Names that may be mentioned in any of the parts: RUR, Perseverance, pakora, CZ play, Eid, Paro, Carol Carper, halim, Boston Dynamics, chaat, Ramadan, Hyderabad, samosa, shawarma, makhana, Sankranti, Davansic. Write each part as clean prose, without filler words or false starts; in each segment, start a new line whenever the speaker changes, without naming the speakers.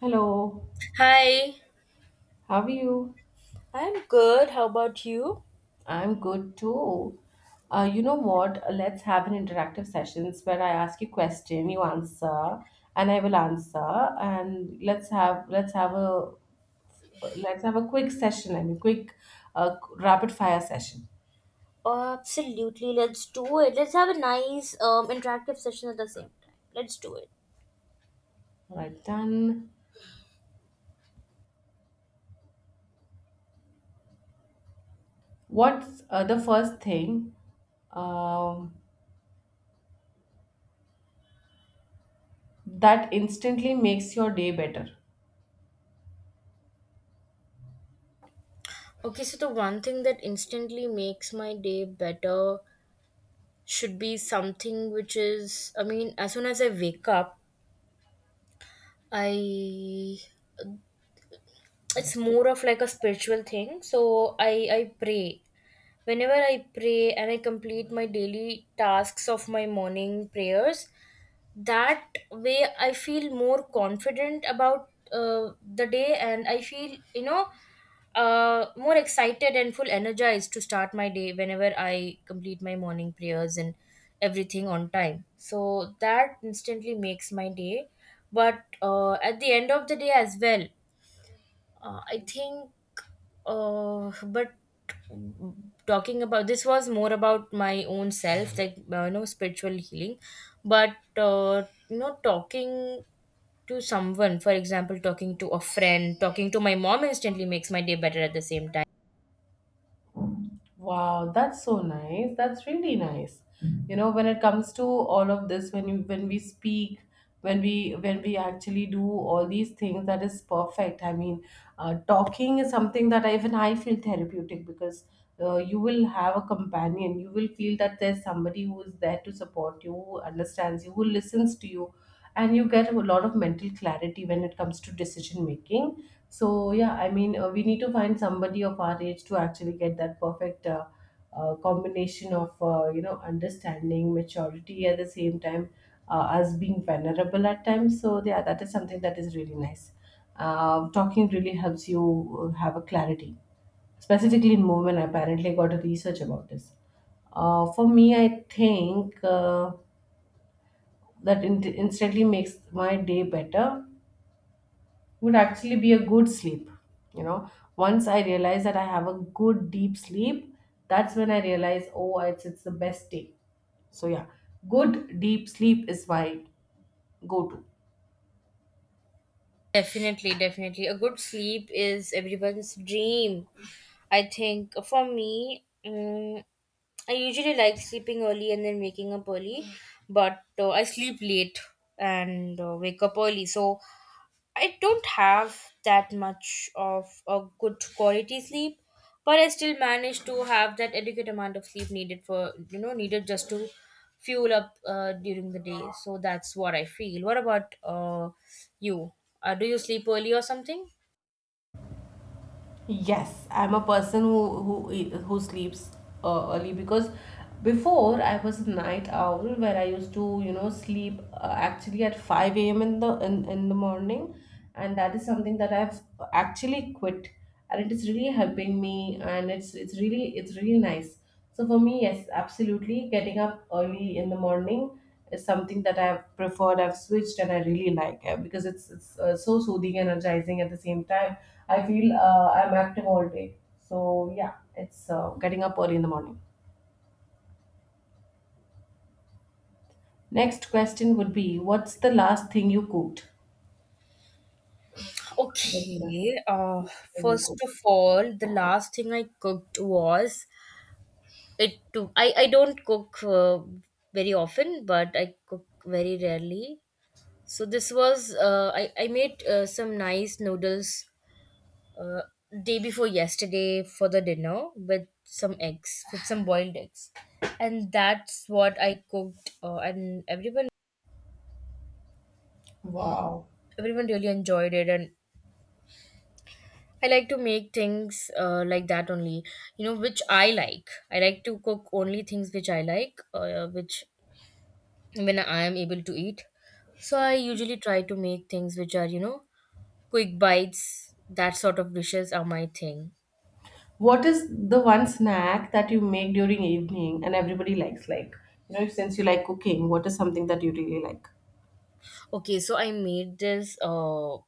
Hello,
Hi.
how are you?
I'm good. How about you?
I'm good too. You know what? Let's have an interactive sessions where I ask you question, you answer, and I will answer, and let's have a quick session. I mean, quick rapid fire session.
Absolutely, let's do it. Let's have a nice interactive session at the same time. Let's do it.
All right, done. What's the first thing um, that instantly makes your day better?
Okay, so the one thing that instantly makes my day better should be something which is, I mean, as soon as I wake up, I. it's more of like a spiritual thing. I pray. Whenever I pray and I complete my daily tasks of my morning prayers, that way I feel more confident about the day, and I feel more excited and full energized to start my day whenever I complete my morning prayers and everything on time. So that instantly makes my day. But at the end of the day as well, I think, but talking about this was more about my own self, like spiritual healing. But talking to someone, for example, talking to a friend, talking to my mom instantly makes my day better at the same time.
Wow, that's so nice. That's really nice. You know, when it comes to all of this, when we speak, when we actually do all these things, that is perfect. I mean, talking is something that even I feel therapeutic because you will have a companion. You will feel that there's somebody who is there to support you, who understands you, who listens to you, and you get a lot of mental clarity when it comes to decision making. So yeah, I mean, we need to find somebody of our age to actually get that perfect combination of you know, understanding maturity at the same time, us being vulnerable at times. So yeah, that is something that is really nice. Talking really helps you have a clarity, specifically in movement. I apparently got a research about this. For me, I think that instantly makes my day better would actually be a good sleep, you know. Once I realize that I have a good deep sleep, that's when I realize, oh, it's the best day. So yeah, good deep sleep is my go to.
Definitely, definitely. A good sleep is everyone's dream. I think for me, I usually like sleeping early and then waking up early, but I sleep late and wake up early. So I don't have that much of a good quality sleep, but I still manage to have that adequate amount of sleep needed, for you know, needed just to fuel up during the day. So that's what I feel. What about you? Do you sleep early or something?
Yes, I'm a person who sleeps early, because before I was a night owl where I used to, you know, sleep actually at 5 a.m. in the in the morning, and that is something that I've actually quit, and it is really helping me, and it's really nice. So for me, yes, absolutely. Getting up early in the morning is something that I've preferred. I've switched, and I really like it because it's so soothing and energizing at the same time. I feel I'm active all day. So yeah, it's getting up early in the morning. Next question would be, what's the last thing you cooked? What's the
Okay.
thing you
First
cooked?
of all, the last thing I cooked was it. Took. I don't cook very often, but I cook very rarely. So this was I made some nice noodles, uh, day before yesterday, for the dinner, with some eggs, with some boiled eggs, and that's what I cooked. And everyone
Wow.
everyone really enjoyed it, and I like to make things like that only. You know which I like. I like to cook only things which I like, which when I am able to eat. So I usually try to make things which are, you know, quick bites. That sort of dishes are my thing.
What is the one snack that you make during evening and everybody likes? Like, you know, since you like cooking, what is something that you really like?
Okay, so I made this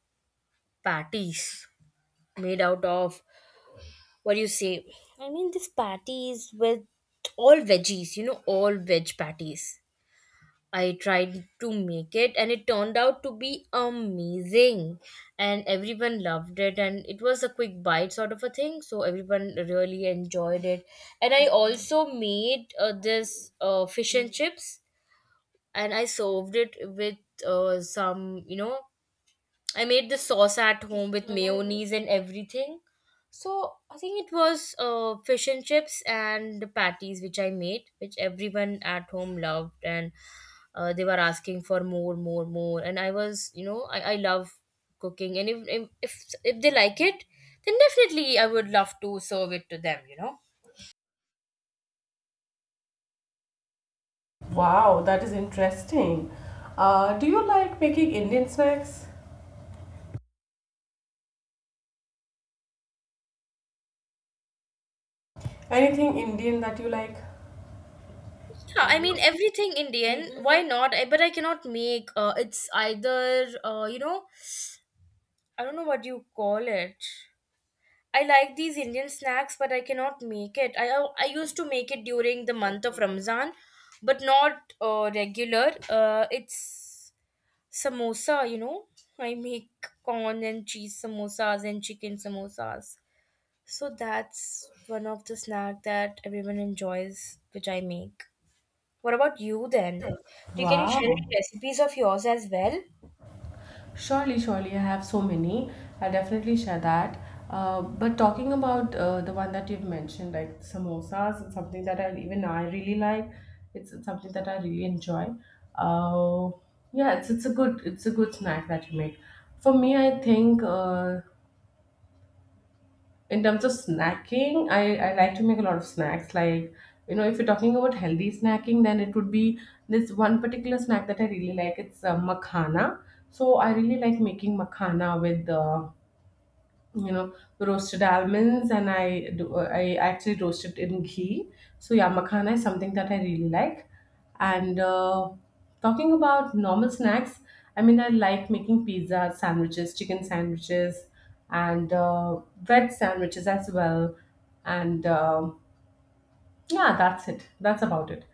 patties made out of, what do you say? I mean, this patties with all veggies, you know, all veg patties. I tried to make it and it turned out to be amazing, and everyone loved it, and it was a quick bite sort of a thing, so everyone really enjoyed it. And I also made this fish and chips, and I served it with some, you know, I made the sauce at home with mayonnaise and everything. So I think it was fish and chips and the patties which I made, which everyone at home loved, and they were asking for more, more, more. And I was, you know, I love cooking, and if they like it, then definitely I would love to serve it to them, you know.
Wow, that is interesting. Do you like making Indian snacks? Anything Indian that you like?
Yeah, I mean everything Indian. Mhm. Why not? I, but I cannot make. It's either I don't know what you call it. I like these Indian snacks, but I cannot make it. I used to make it during the month of Ramzan, but not regular. It's samosa, you know. I make corn and cheese samosas and chicken samosas. So that's one of the snack that everyone enjoys, which I make. What about you then? Do you, can you share any
Wow.
recipes of yours as well?
Surely, surely, I have so many. I'll definitely share that. But talking about the one that you've mentioned, like samosas, it's something that I really like. It's something that I really enjoy. Uh, yeah, it's a good snack that you make. For me, I think in terms of snacking, I like to make a lot of snacks. Like, you know, if you're talking about healthy snacking, then it would be this one particular snack that I really like. It's makhana. So I really like making makhana with you know, roasted almonds, and I actually roasted in ghee. So yeah, makhana is something that I really like. And talking about normal snacks, I mean, I like making pizza sandwiches, chicken sandwiches, and bread sandwiches as well. And yeah, that's it. That's about it.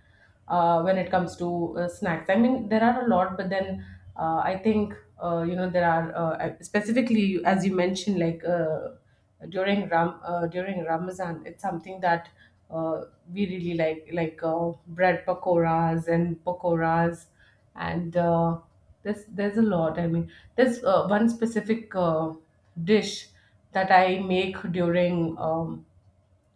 When it comes to snacks, I mean, there are a lot, but then I think you know, there are specifically, as you mentioned, like during Ramazan, it's something that uh, we really like bread pakoras and pakoras. And there's a lot. I mean, there's one specific dish that I make during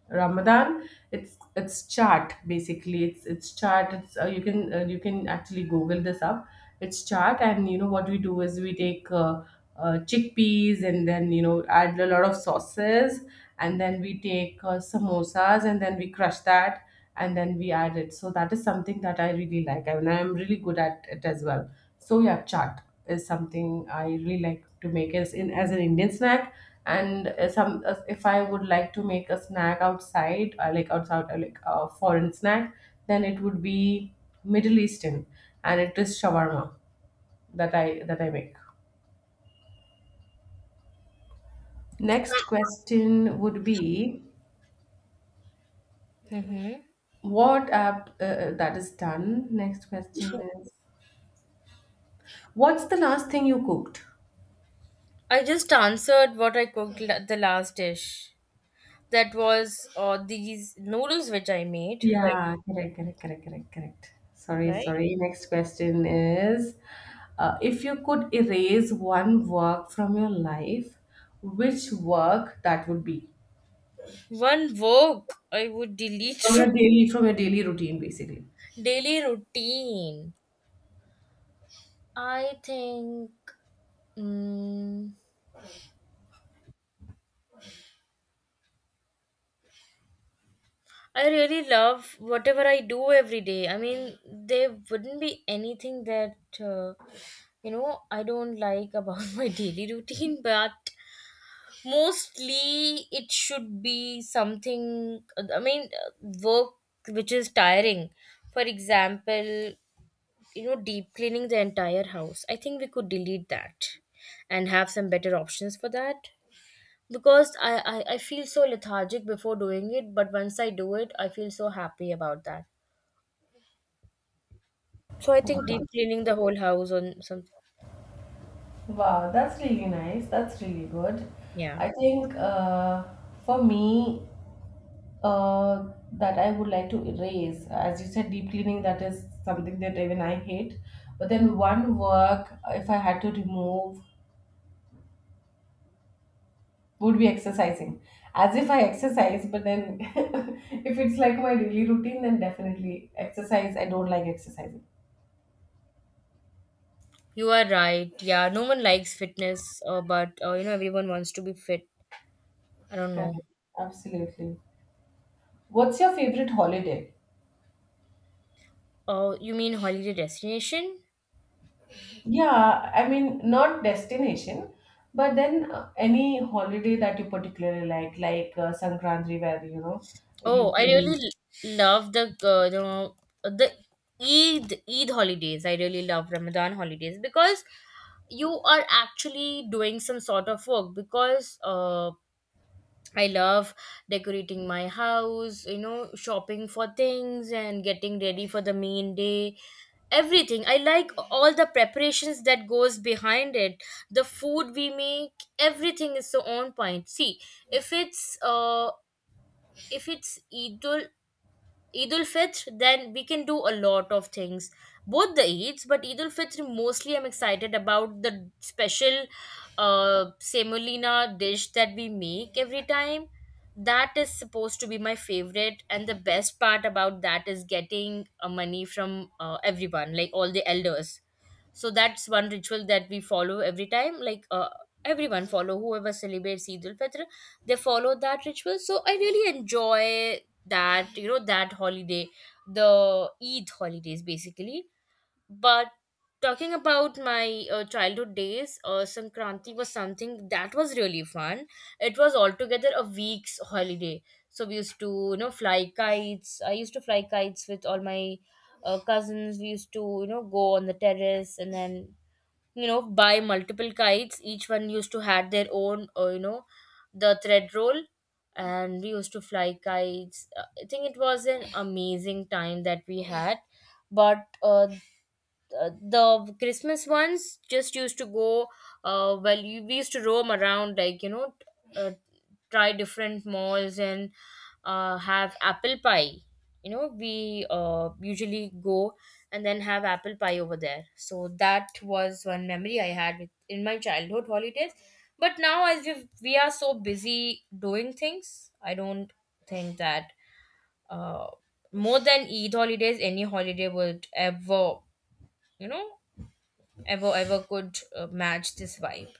Ramadan. It's chart basically. It's chart. It's you can actually Google this up. It's chart, and you know what we do is we take chickpeas and then, you know, add a lot of sauces, and then we take samosas and then we crush that and then we add it. So that is something that I really like. I mean, I'm really good at it as well. So yeah, chaat is something I really like to make as in as an Indian snack. And some if I would like to make a snack outside like outside, like a foreign snack, then it would be Middle Eastern, and it is shawarma that I make. Next question would be,
Mm-hmm.
What app that is done? Next question is, what's the last thing you cooked?
I just answered what I cooked, the last dish. That was these noodles which I made for you,
Yeah, correct, correct, correct, correct, correct. Sorry,
right?
sorry. Next question is, if you could erase one work from your life, which work that would be?
One work I would delete from
From your daily routine, basically.
daily routine. I think, mm, I really love whatever I do every day. I mean, there wouldn't be anything that you know, I don't like about my daily routine. But mostly it should be something, i mean uh, work which is tiring. For example, you know, deep cleaning the entire house, I think we could delete that and have some better options for that, because I feel so lethargic before doing it, but once I do it, I feel so happy about that. So I think
Wow,
deep cleaning the whole house on some,
wow, that's really nice. That's really good.
yeah.
I think for me, that I would like to erase. As you said, deep cleaning, that is something that even I hate. But then, one work, if I had to remove, would be exercising. As if I exercise, but then if it's like my daily routine, then definitely exercise. I don't like exercising.
You are right, yeah, no one likes fitness, but you know, everyone wants to be fit. I don't
Correct.
know.
Absolutely. What's your favorite holiday?
Oh, you mean holiday destination?
Yeah, I mean, not destination, but then any holiday that you particularly like Sankranti, where you know you
Oh, I really
can.
love the uh, the the Eid holidays. I really love Ramadan holidays, because you are actually doing some sort of work. Because I love decorating my house, you know, shopping for things and getting ready for the main day. Everything. I like all the preparations that goes behind it. The food we make, everything is so on point. See, if it's uh if it's either Eid ul Fitr, then we can do a lot of things. Both the Eids, but Eid ul Fitr, mostly I'm excited about the special semolina dish that we make every time. That is supposed to be my favorite, and the best part about that is getting money from everyone, like all the elders. So that's one ritual that we follow every time. Like everyone follow, whoever celebrates Eid ul Fitr, they follow that ritual. So I really enjoy that, you know, that holiday, the Eid holidays basically. But talking about my childhood days, Sankranti was something that was really fun. It was altogether a week's holiday. So we used to, you know, fly kites. I used to fly kites with all my cousins. We used to, you know, go on the terrace and then, you know, buy multiple kites. Each one used to had their own the thread roll, and we used to fly kites. I think it was an amazing time that we had. But the Christmas ones just used to go well. We used to roam around, like, you know, try different malls and have apple pie. You know, we usually go and then have apple pie over there. So that was one memory I had with, in my childhood holidays. But now, as we are so busy doing things, I don't think that uh, more than Eid holidays, any holiday would ever, you know, ever could match this vibe.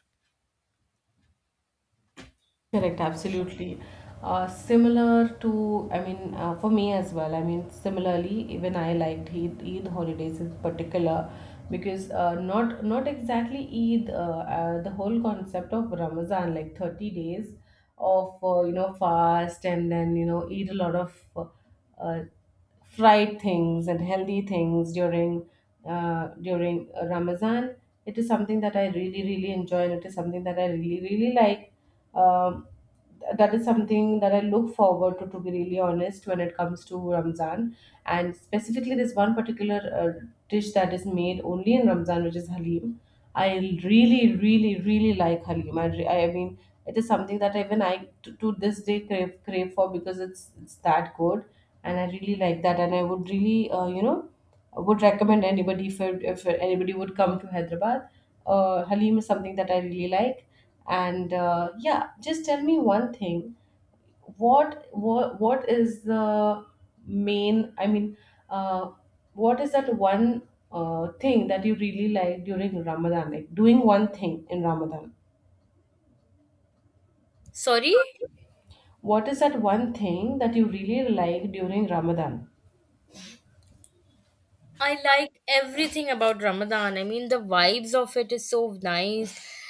Correct, absolutely. Similar to, I mean, for me as well. I mean, similarly, even I liked Eid holidays in particular because not not exactly Eid, the whole concept of Ramazan, like 30 days of you know, fast and then, you know, eat a lot of fried things and healthy things during during Ramadan. It is something that I really really enjoy, and it is something that I really really like. Um, that is something that I look forward to be really honest, when it comes to Ramzan, and specifically this one particular dish that is made only in Ramzan, which is halim. I really, really, really like halim. I mean, it is something that even I to this day crave for because it's that good, and I really like that. And I would really, you know, would recommend anybody if anybody would come to Hyderabad. Halim is something that I really like, and yeah, just tell me one thing. What is the main? I mean, uh, what is that one thing that you really like during Ramadan? Like doing one thing in Ramadan.
Sorry.
What is that one thing that you really like during Ramadan?
I like everything about Ramadan. I mean, the vibes of it is so nice.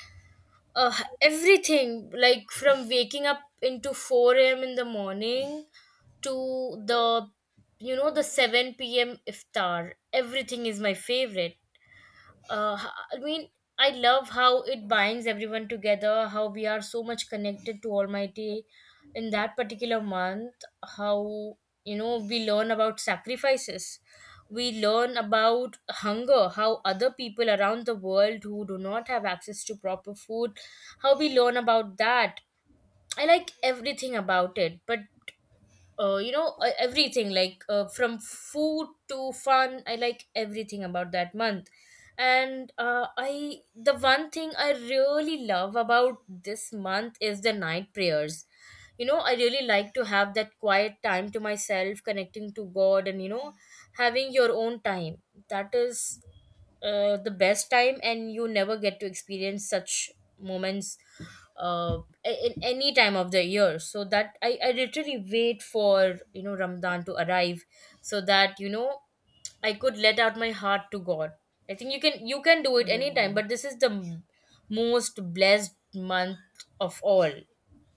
Uh, everything, like from waking up into 4 a.m. in the morning to the, you know, the 7 p.m. iftar. Everything is my favorite. uh, I mean, I love how it binds everyone together, how we are so much connected to Almighty in that particular month, how, you know, we learn about sacrifices. We learn about hunger, how other people around the world who do not have access to proper food, how we learn about that. I like everything about it. But everything, like from food to fun, I like everything about that month. And I the one thing I really love about this month is the night prayers. You know, I really like to have that quiet time to myself, connecting to God, and you know, having your own time. That is the best time, and you never get to experience such moments uh, in any time of the year. So that, I literally wait for, you know, Ramadan to arrive, so that, you know, I could let out my heart to God. I think you can, you can do it anytime, but this is the most blessed month of all.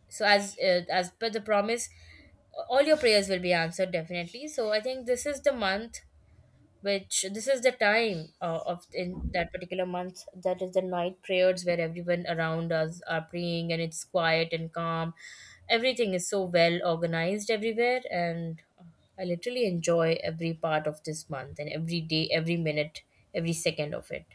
So as per the promise, all your prayers will be answered definitely. So I think this is the month which, this is the time of in that particular month, that is the night prayers, where everyone around us are praying, and it's quiet and calm, everything is so well organized everywhere. And I literally enjoy every part of this month and every day, every minute, every second of it.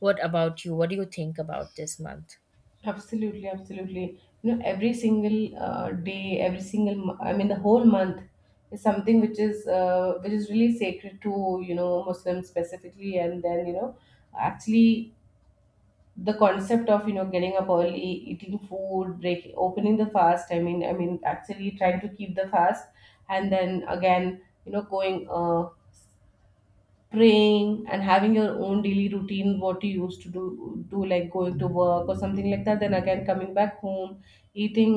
What about you? What do you think about this month?
Absolutely, absolutely. You know, every single day, every single, I mean, the whole month is something which is really sacred to, you know, Muslims specifically. And then, you know, actually the concept of, you know, getting up early, eating food, break, opening the fast. I mean, actually trying to keep the fast, and then again, you know, going praying and having your own daily routine, what you used to do like going to work or something like that, then again coming back home, eating,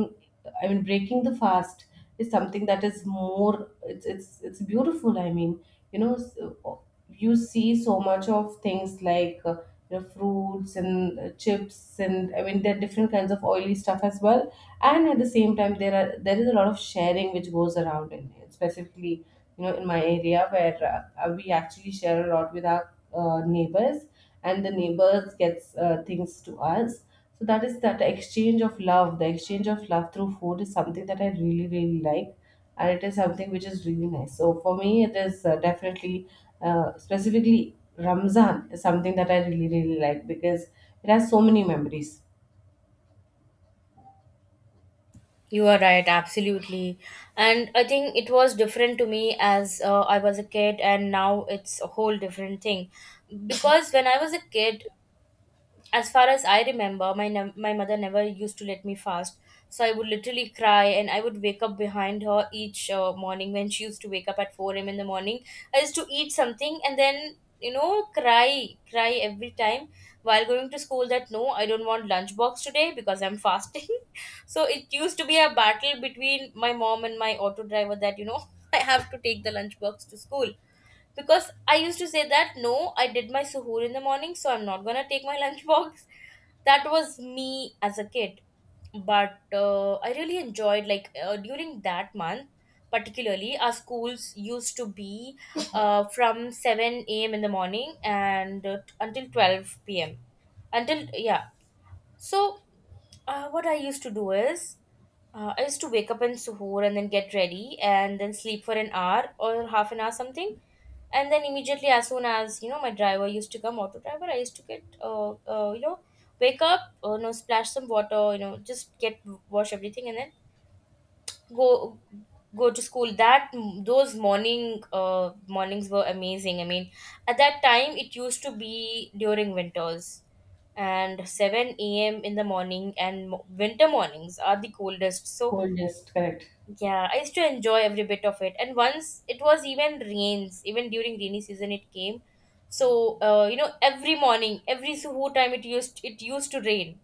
I mean, breaking the fast, is something that is more, it's beautiful. I mean, you know, you see so much of things like you know, fruits and chips, and I mean, there are different kinds of oily stuff as well. And at the same time, there is a lot of sharing which goes around in specifically, you know, in my area, where we actually share a lot with our neighbors, and the neighbors gets things to us. So that is that exchange of love, the exchange of love through food, is something that I really really like, and it is something which is really nice. So for me, it is definitely, specifically Ramzan is something that I really really like, because it has so many memories.
You are right, absolutely. And I think it was different to me as I was a kid, and now it's a whole different thing. Because when I was a kid, as far as I remember my mother never used to let me fast, so I would literally cry, and I would wake up behind her each morning when she used to wake up at 4 a.m. in the morning. I used to eat something, and then cry every time while going to school that no, I don't want lunchbox today because I'm fasting. So it used to be a battle between my mom and my auto driver that I have to take the lunchbox to school, because I used to say that no, I did my suhoor in the morning, so I'm not gonna take my lunchbox. That was me as a kid, but I really enjoyed, like during that month, particularly our schools used to be from 7 a.m. in the morning and until 12 p.m. Until, yeah. So what I used to do is, I used to wake up in suhoor, and then get ready, and then sleep for an hour or half an hour, something. And then immediately, as soon as my driver used to come, auto driver, I used to get wake up, splash some water, just get, wash everything, and then go go to school, that those mornings were amazing. I mean, at that time it used to be during winters, and 7 a.m. in the morning and winter mornings are the coldest, so
Coldest, correct.
yeah, I used to enjoy every bit of it. And once it was even rains, even during rainy season it came. So every morning, every suho time it used to rain,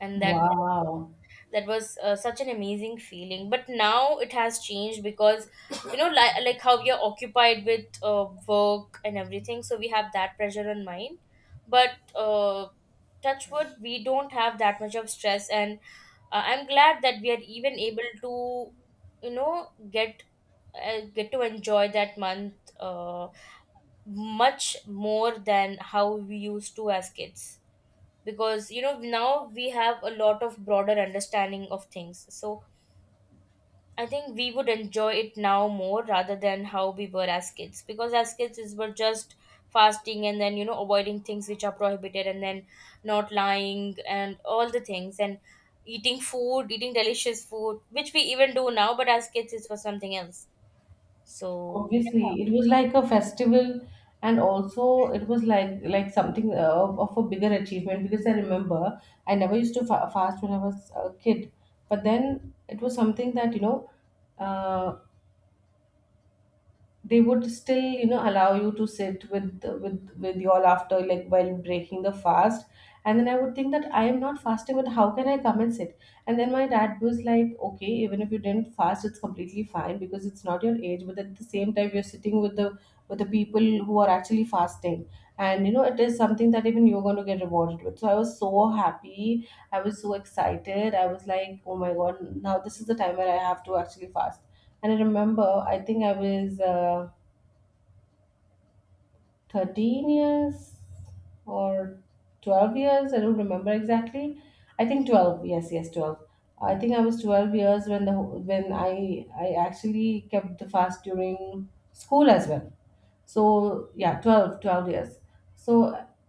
and that
Wow.
that was such an amazing feeling. But now it has changed because, like how we are occupied with work and everything, so we have that pressure on mind. But touch wood, we don't have that much of stress, and I'm glad that we are even able to get to enjoy that month, uh, much more than how we used to as kids, because now we have a lot of broader understanding of things. So I think we would enjoy it now more rather than how we were as kids, because as kids is were just fasting, and then avoiding things which are prohibited, and then not lying and all the things, and eating delicious food, which we even do now, but as kids it was something else. So...
Obviously, it was like a festival, and also it was like something of a bigger achievement, because I remember I never used to fast when I was a kid, but then it was something that, you know, uh, they would still, you know, allow you to sit with y'all after, like, while breaking the fast. And then I would think that I am not fasting, but how can I come and sit? And then my dad was like, okay, even if you didn't fast, it's completely fine because it's not your age, but at the same time, you're sitting with the people who are actually fasting, and you know, it is something that even you're going to get rewarded with. So I was so happy. I was so excited. I was like, oh my God, now this is the time where I have to actually fast. And I remember, I think I was 13 years or 12 years. I don't remember exactly. I think 12. Yes, yes, 12. I think I was 12 years when the when I actually kept the fast during school as well. So yeah, twelve years. So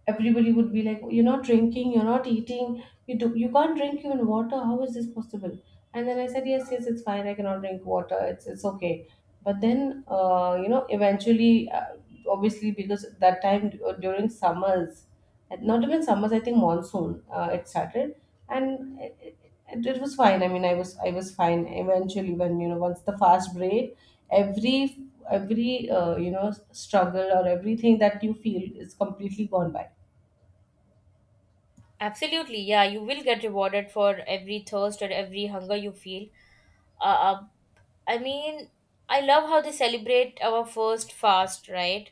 everybody would be like, you're not drinking, you're not eating, you can't drink even water. How is this possible? And then I said, yes, yes, it's fine, I cannot drink water. It's okay. But then, you know, eventually, obviously because that time during summers, and not even summers, I think monsoon, it started. And it was fine. I mean, I was fine eventually when you know once the fast break. Every you know, struggle or everything that you feel is completely gone by.
Absolutely, yeah, you will get rewarded for every thirst or every hunger you feel. Uh, uh, I mean, I love how they celebrate our first fast, right?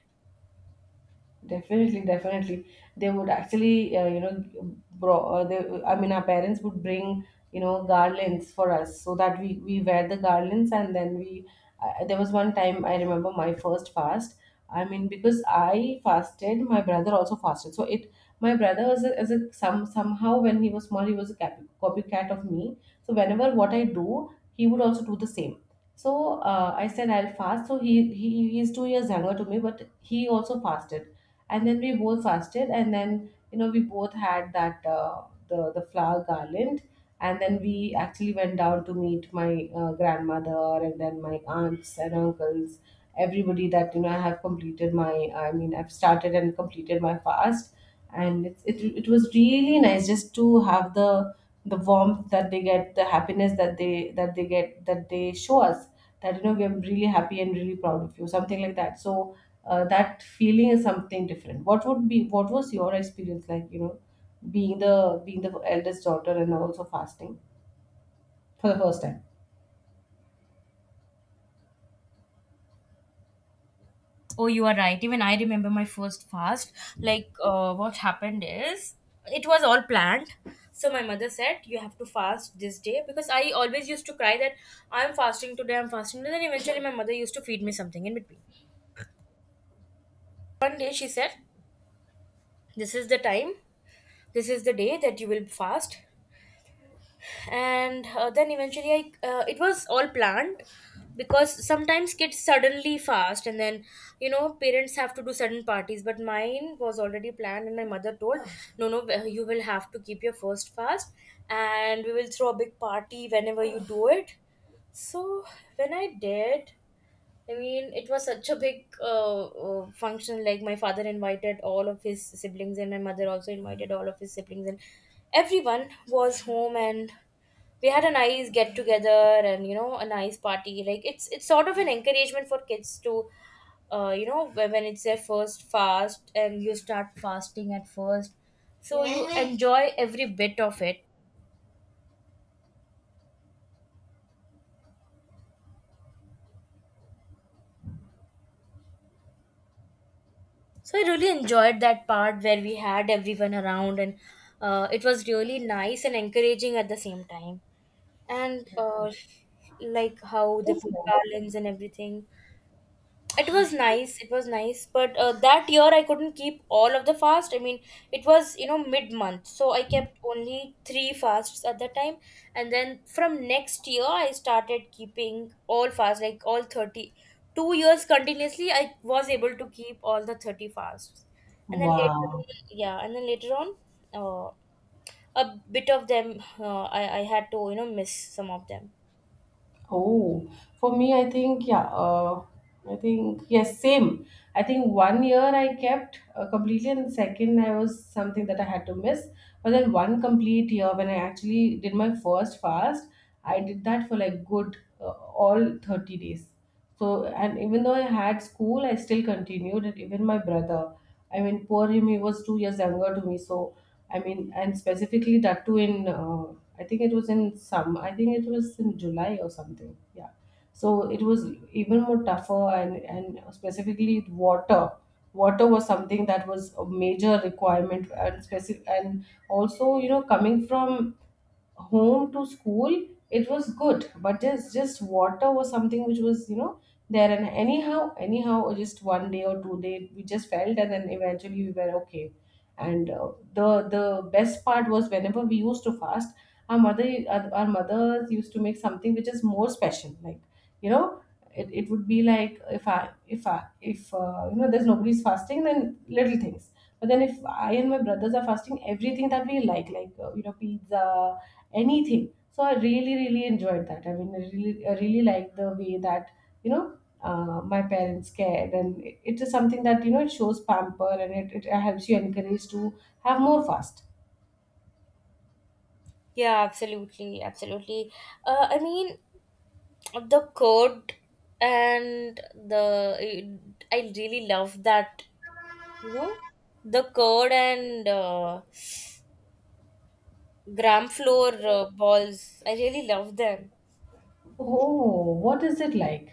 Definitely, definitely. They would actually, you know, bro. I mean, our parents would bring, you know, garlands for us so that we wear the garlands, and then we. There was one time I remember my first fast. I mean, because I fasted, my brother also fasted. My brother was a, as a some somehow when he was small, he was a copycat of me. So whenever what I do, he would also do the same. So I said I'll fast. So he is 2 years younger to me, but he also fasted. And then we both fasted, and then you know we both had that the flower garland. And then we actually went down to meet my grandmother, and then my aunts and uncles, everybody, that you know I have completed my, I mean, I've started and completed my fast. And it was really nice just to have the warmth that they get, the happiness that they get, that they show us, that you know we're really happy and really proud of you, something like that. So that feeling is something different. What would be What was your experience like, you know, being the eldest daughter and also fasting for the first time?
Oh, you are right. Even I remember my first fast. Like, what happened is, it was all planned. So my mother said, "You have to fast this day," because I always used to cry that I'm fasting today. I'm fasting. And then eventually, my mother used to feed me something in between. One day, she said, "This is the time. This is the day that you will fast." And then eventually it was all planned, because sometimes kids suddenly fast and then parents have to do sudden parties. But mine was already planned, and my mother told, "No, no, you will have to keep your first fast, and we will throw a big party whenever you do it." So when I did, I mean, it was such a big function, like my father invited all of his siblings, and my mother also invited all of his siblings, and everyone was home, and we had a nice get together. And a nice party, like it's sort of an encouragement for kids to, when it's their first fast and you start fasting at first, so you enjoy every bit of it. So I really enjoyed that part where we had everyone around, and it was really nice and encouraging at the same time. And like how they
That's
put
nice.
garlands and everything. It was nice, it was nice, but that year I couldn't keep all of the fast. I mean, it was mid month, so I kept only three fasts at that time. And then from next year I started keeping all fasts, like all 30. 2 years continuously I was able to keep all the 30 fasts. And then later...
Wow.
yeah, and then later on, uh, a bit of them, I had to miss some of them.
Oh, for me, I think, yeah, I think, yes, same. I think one year I kept completely, and second, I was something that I had to miss. But then, one complete year when I actually did my first fast, I did that for like good, all 30 days. So, and even though I had school, I still continued. And even my brother, I mean, poor him, he was 2 years younger to me. So, I mean, and specifically that too in, I think it was in some, I think it was in July or something. Yeah. So it was even more tougher, and specifically water. Water was something that was a major requirement, and specific, and also you know coming from home to school. It was good, but just water was something which was you know there. And anyhow just one day or two day we just felt, and then eventually we were okay. And the best part was whenever we used to fast, our mothers used to make something which is more special, like, you know, it would be like if I if I if you know there's nobody's fasting, then little things. But then if I and my brothers are fasting, everything that we like, like, you know, pizza, anything. So I really, really enjoyed that. I mean, I really liked the way that you know, my parents cared, and it is something that you know it shows pamper, and it helps you encourage to have more fast.
Yeah, absolutely, absolutely. I mean, the code, and the, I really love that, you know the code, and gram floor balls. I really love them.
Oh, what is it like?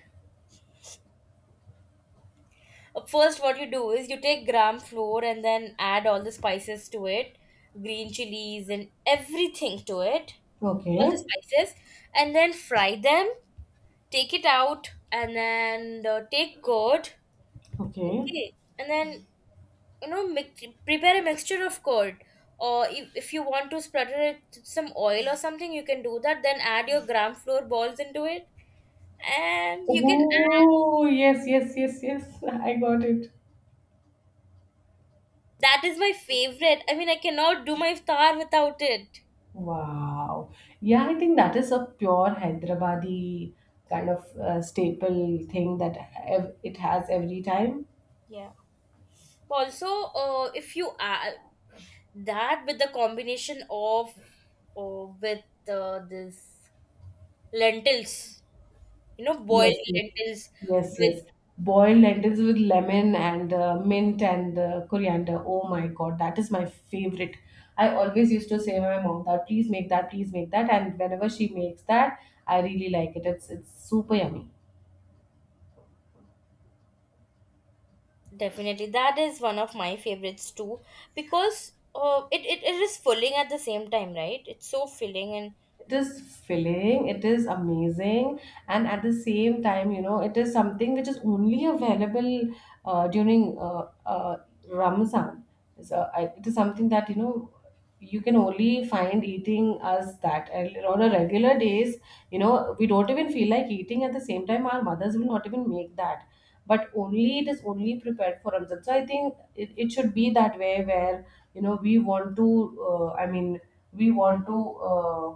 First what you do is you take gram floor and then add all the spices to it, green chilies and everything to it, all the
Okay,
spices, and then fry them, take it out, and then take curd.
okay.
Okay. And then mix, prepare a mixture of curd, or if you want to splatter it with some oil or something, you can do that, then add your gram flour balls into it, and you can add...
Oh, yes, yes, yes, yes. I got it.
That is my favorite. I mean, I cannot do my iftar without it.
Wow. Yeah, I think that is a pure Hyderabadi kind of staple thing that it has every time.
Yeah. Also if you add that with the combination of, with, this lentils,
Yes,
boiled
yes,
lentils
yes,
with...
yes. Boiled lentils with lemon and mint and coriander. Oh my God, that is my favorite. I always used to say my mom that please make that, please make that, and whenever she makes that, I really like it. It's super yummy.
Definitely, that is one of my favorites too, because it is filling at the same time, right? It's so filling, and...
It is filling, it is amazing. And at the same time you know it is something which is only available during Ramzan. So it is something that you know you can only find eating as that. And on a regular days, you know, we don't even feel like eating, at the same time our mothers will not even make that. But only it is only prepared for Ramzan. So I think it should be that way where you know we want to, I mean, we want to, uh,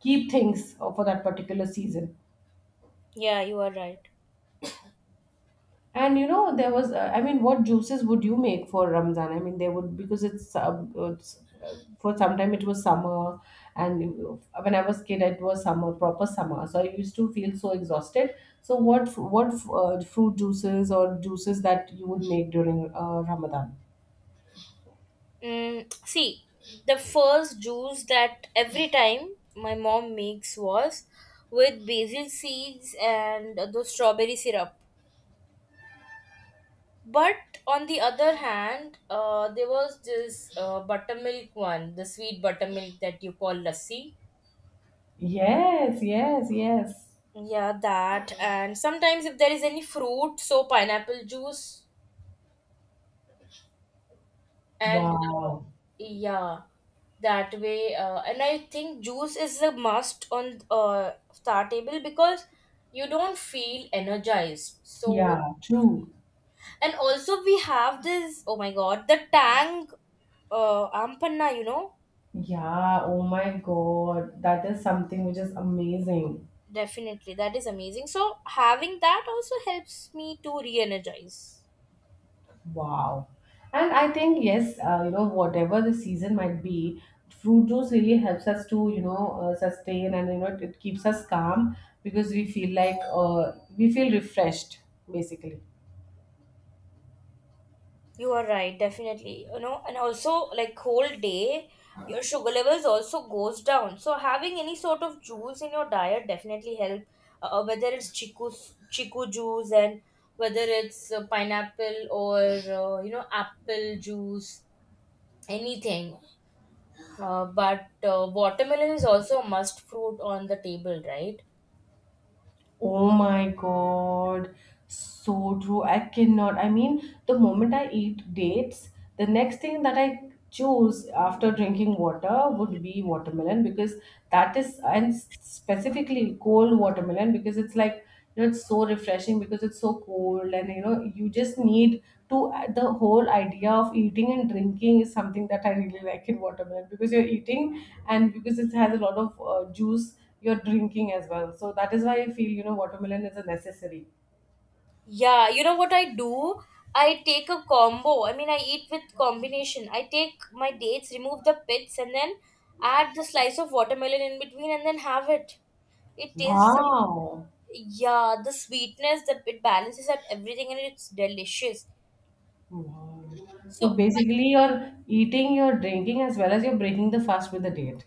keep things, for that particular season.
yeah, you are right.
And you know, there was, I mean, what juices would you make for Ramzan? I mean, they would, because it's for some time it was summer, and when I was kid, it was summer, proper summer. So I used to feel so exhausted. So what fruit juices or juices that you would make during Ramadan?
Mm, see, the first juice that every time my mom makes was with basil seeds and the strawberry syrup. But on the other hand, there was this buttermilk one, the sweet buttermilk that you call lassi.
Yes, yes, yes.
Yeah, that. And sometimes if there is any fruit, so pineapple juice, and
Wow.
yeah, that way. And I think juice is a must on star table because you don't feel energized. So...
Yeah, true.
and also we have this, oh my God, the Tang Ampanna.
Yeah, oh my God, that is something which is amazing.
Definitely that is amazing. So having that also helps me to re-energize.
Wow. And I think, yes, you know, whatever the season might be, fruit juice really helps us to, you know, sustain, and, you know, it keeps us calm because we feel like, we feel refreshed, basically.
You are right, definitely. And also, like whole day, your sugar levels also goes down, so having any sort of juice in your diet definitely help. Whether it's chiku juice, and whether it's pineapple, or apple juice, anything. But watermelon is also a must fruit on the table, right?
Oh my God. So true. I cannot. I mean, the moment I eat dates, the next thing that I choose after drinking water would be watermelon, because that is, and specifically cold watermelon because it's like, you know, it's so refreshing because it's so cold, and you know, you just need to. The whole idea of eating and drinking is something that I really like in watermelon, because you're eating, and because it has a lot of juice, you're drinking as well. So that is why I feel you know watermelon is a necessary.
Yeah, you know what I do? I take a combo. I mean, I eat with combination. I take my dates, remove the pits, and then add the slice of watermelon in between, and then have it. It tastes, so-
Wow.
yeah, the sweetness that it balances out everything, and it's delicious.
Wow. So
So...
basically, you're eating, you're drinking, as well as you're breaking the fast with the date.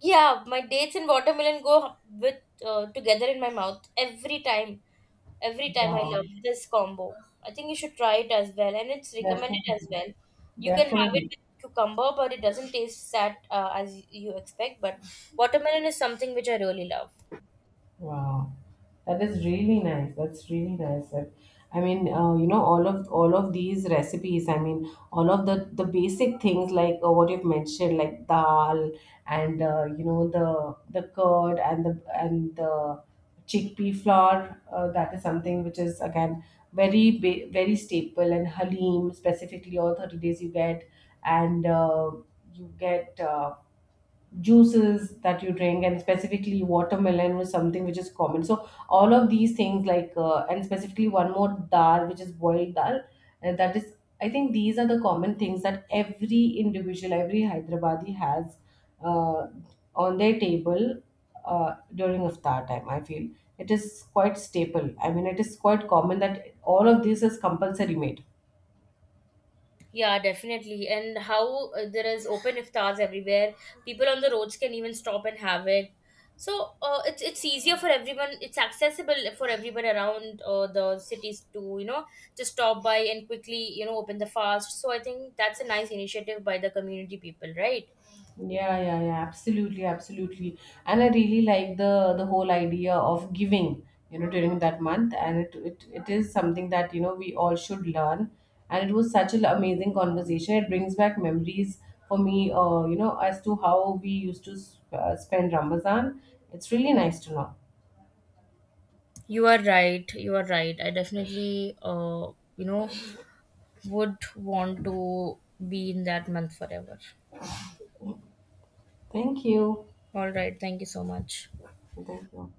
yeah, my dates and watermelon go with, together in my mouth every time. Every time I
Wow.
love this combo. I think you should try it as well, and it's recommended
Definitely.
as well. You can have it
Definitely.
with cucumber, but it doesn't taste that as you expect. But watermelon is something which I really love.
Wow, that is really nice. That's really nice. I mean, you know, all of these recipes. I mean, all of the basic things like what you've mentioned, like dal, and you know, the curd, and the chickpea flour. That is something which is again very very staple, and halim specifically all 30 days you get, and you get. Juices that you drink, and specifically watermelon was something which is common, so all of these things like, and specifically one more dal which is boiled dal, that is, I think these are the common things that every individual, every Hyderabadi has, uh, on their table, during iftar time, I feel. It is quite staple. I mean, it is quite common that all of this is compulsory made.
Yeah, definitely. And how there is open iftars everywhere. People on the roads can even stop and have it. So it's easier for everyone. It's accessible for everyone around the cities, to just stop by and quickly open the fast. So I think that's a nice initiative by the community people, right?
Yeah, yeah, yeah, absolutely, absolutely. And I really like the whole idea of giving, you know, during that month. And it is something that, you know, we all should learn. And it was such an amazing conversation. It brings back memories for me, you know, as to how we used to spend Ramadan. It's really nice to know.
You are right. You are right. I definitely would want to be in that month forever.
Thank you.
All right. Thank you so much.
Thank you.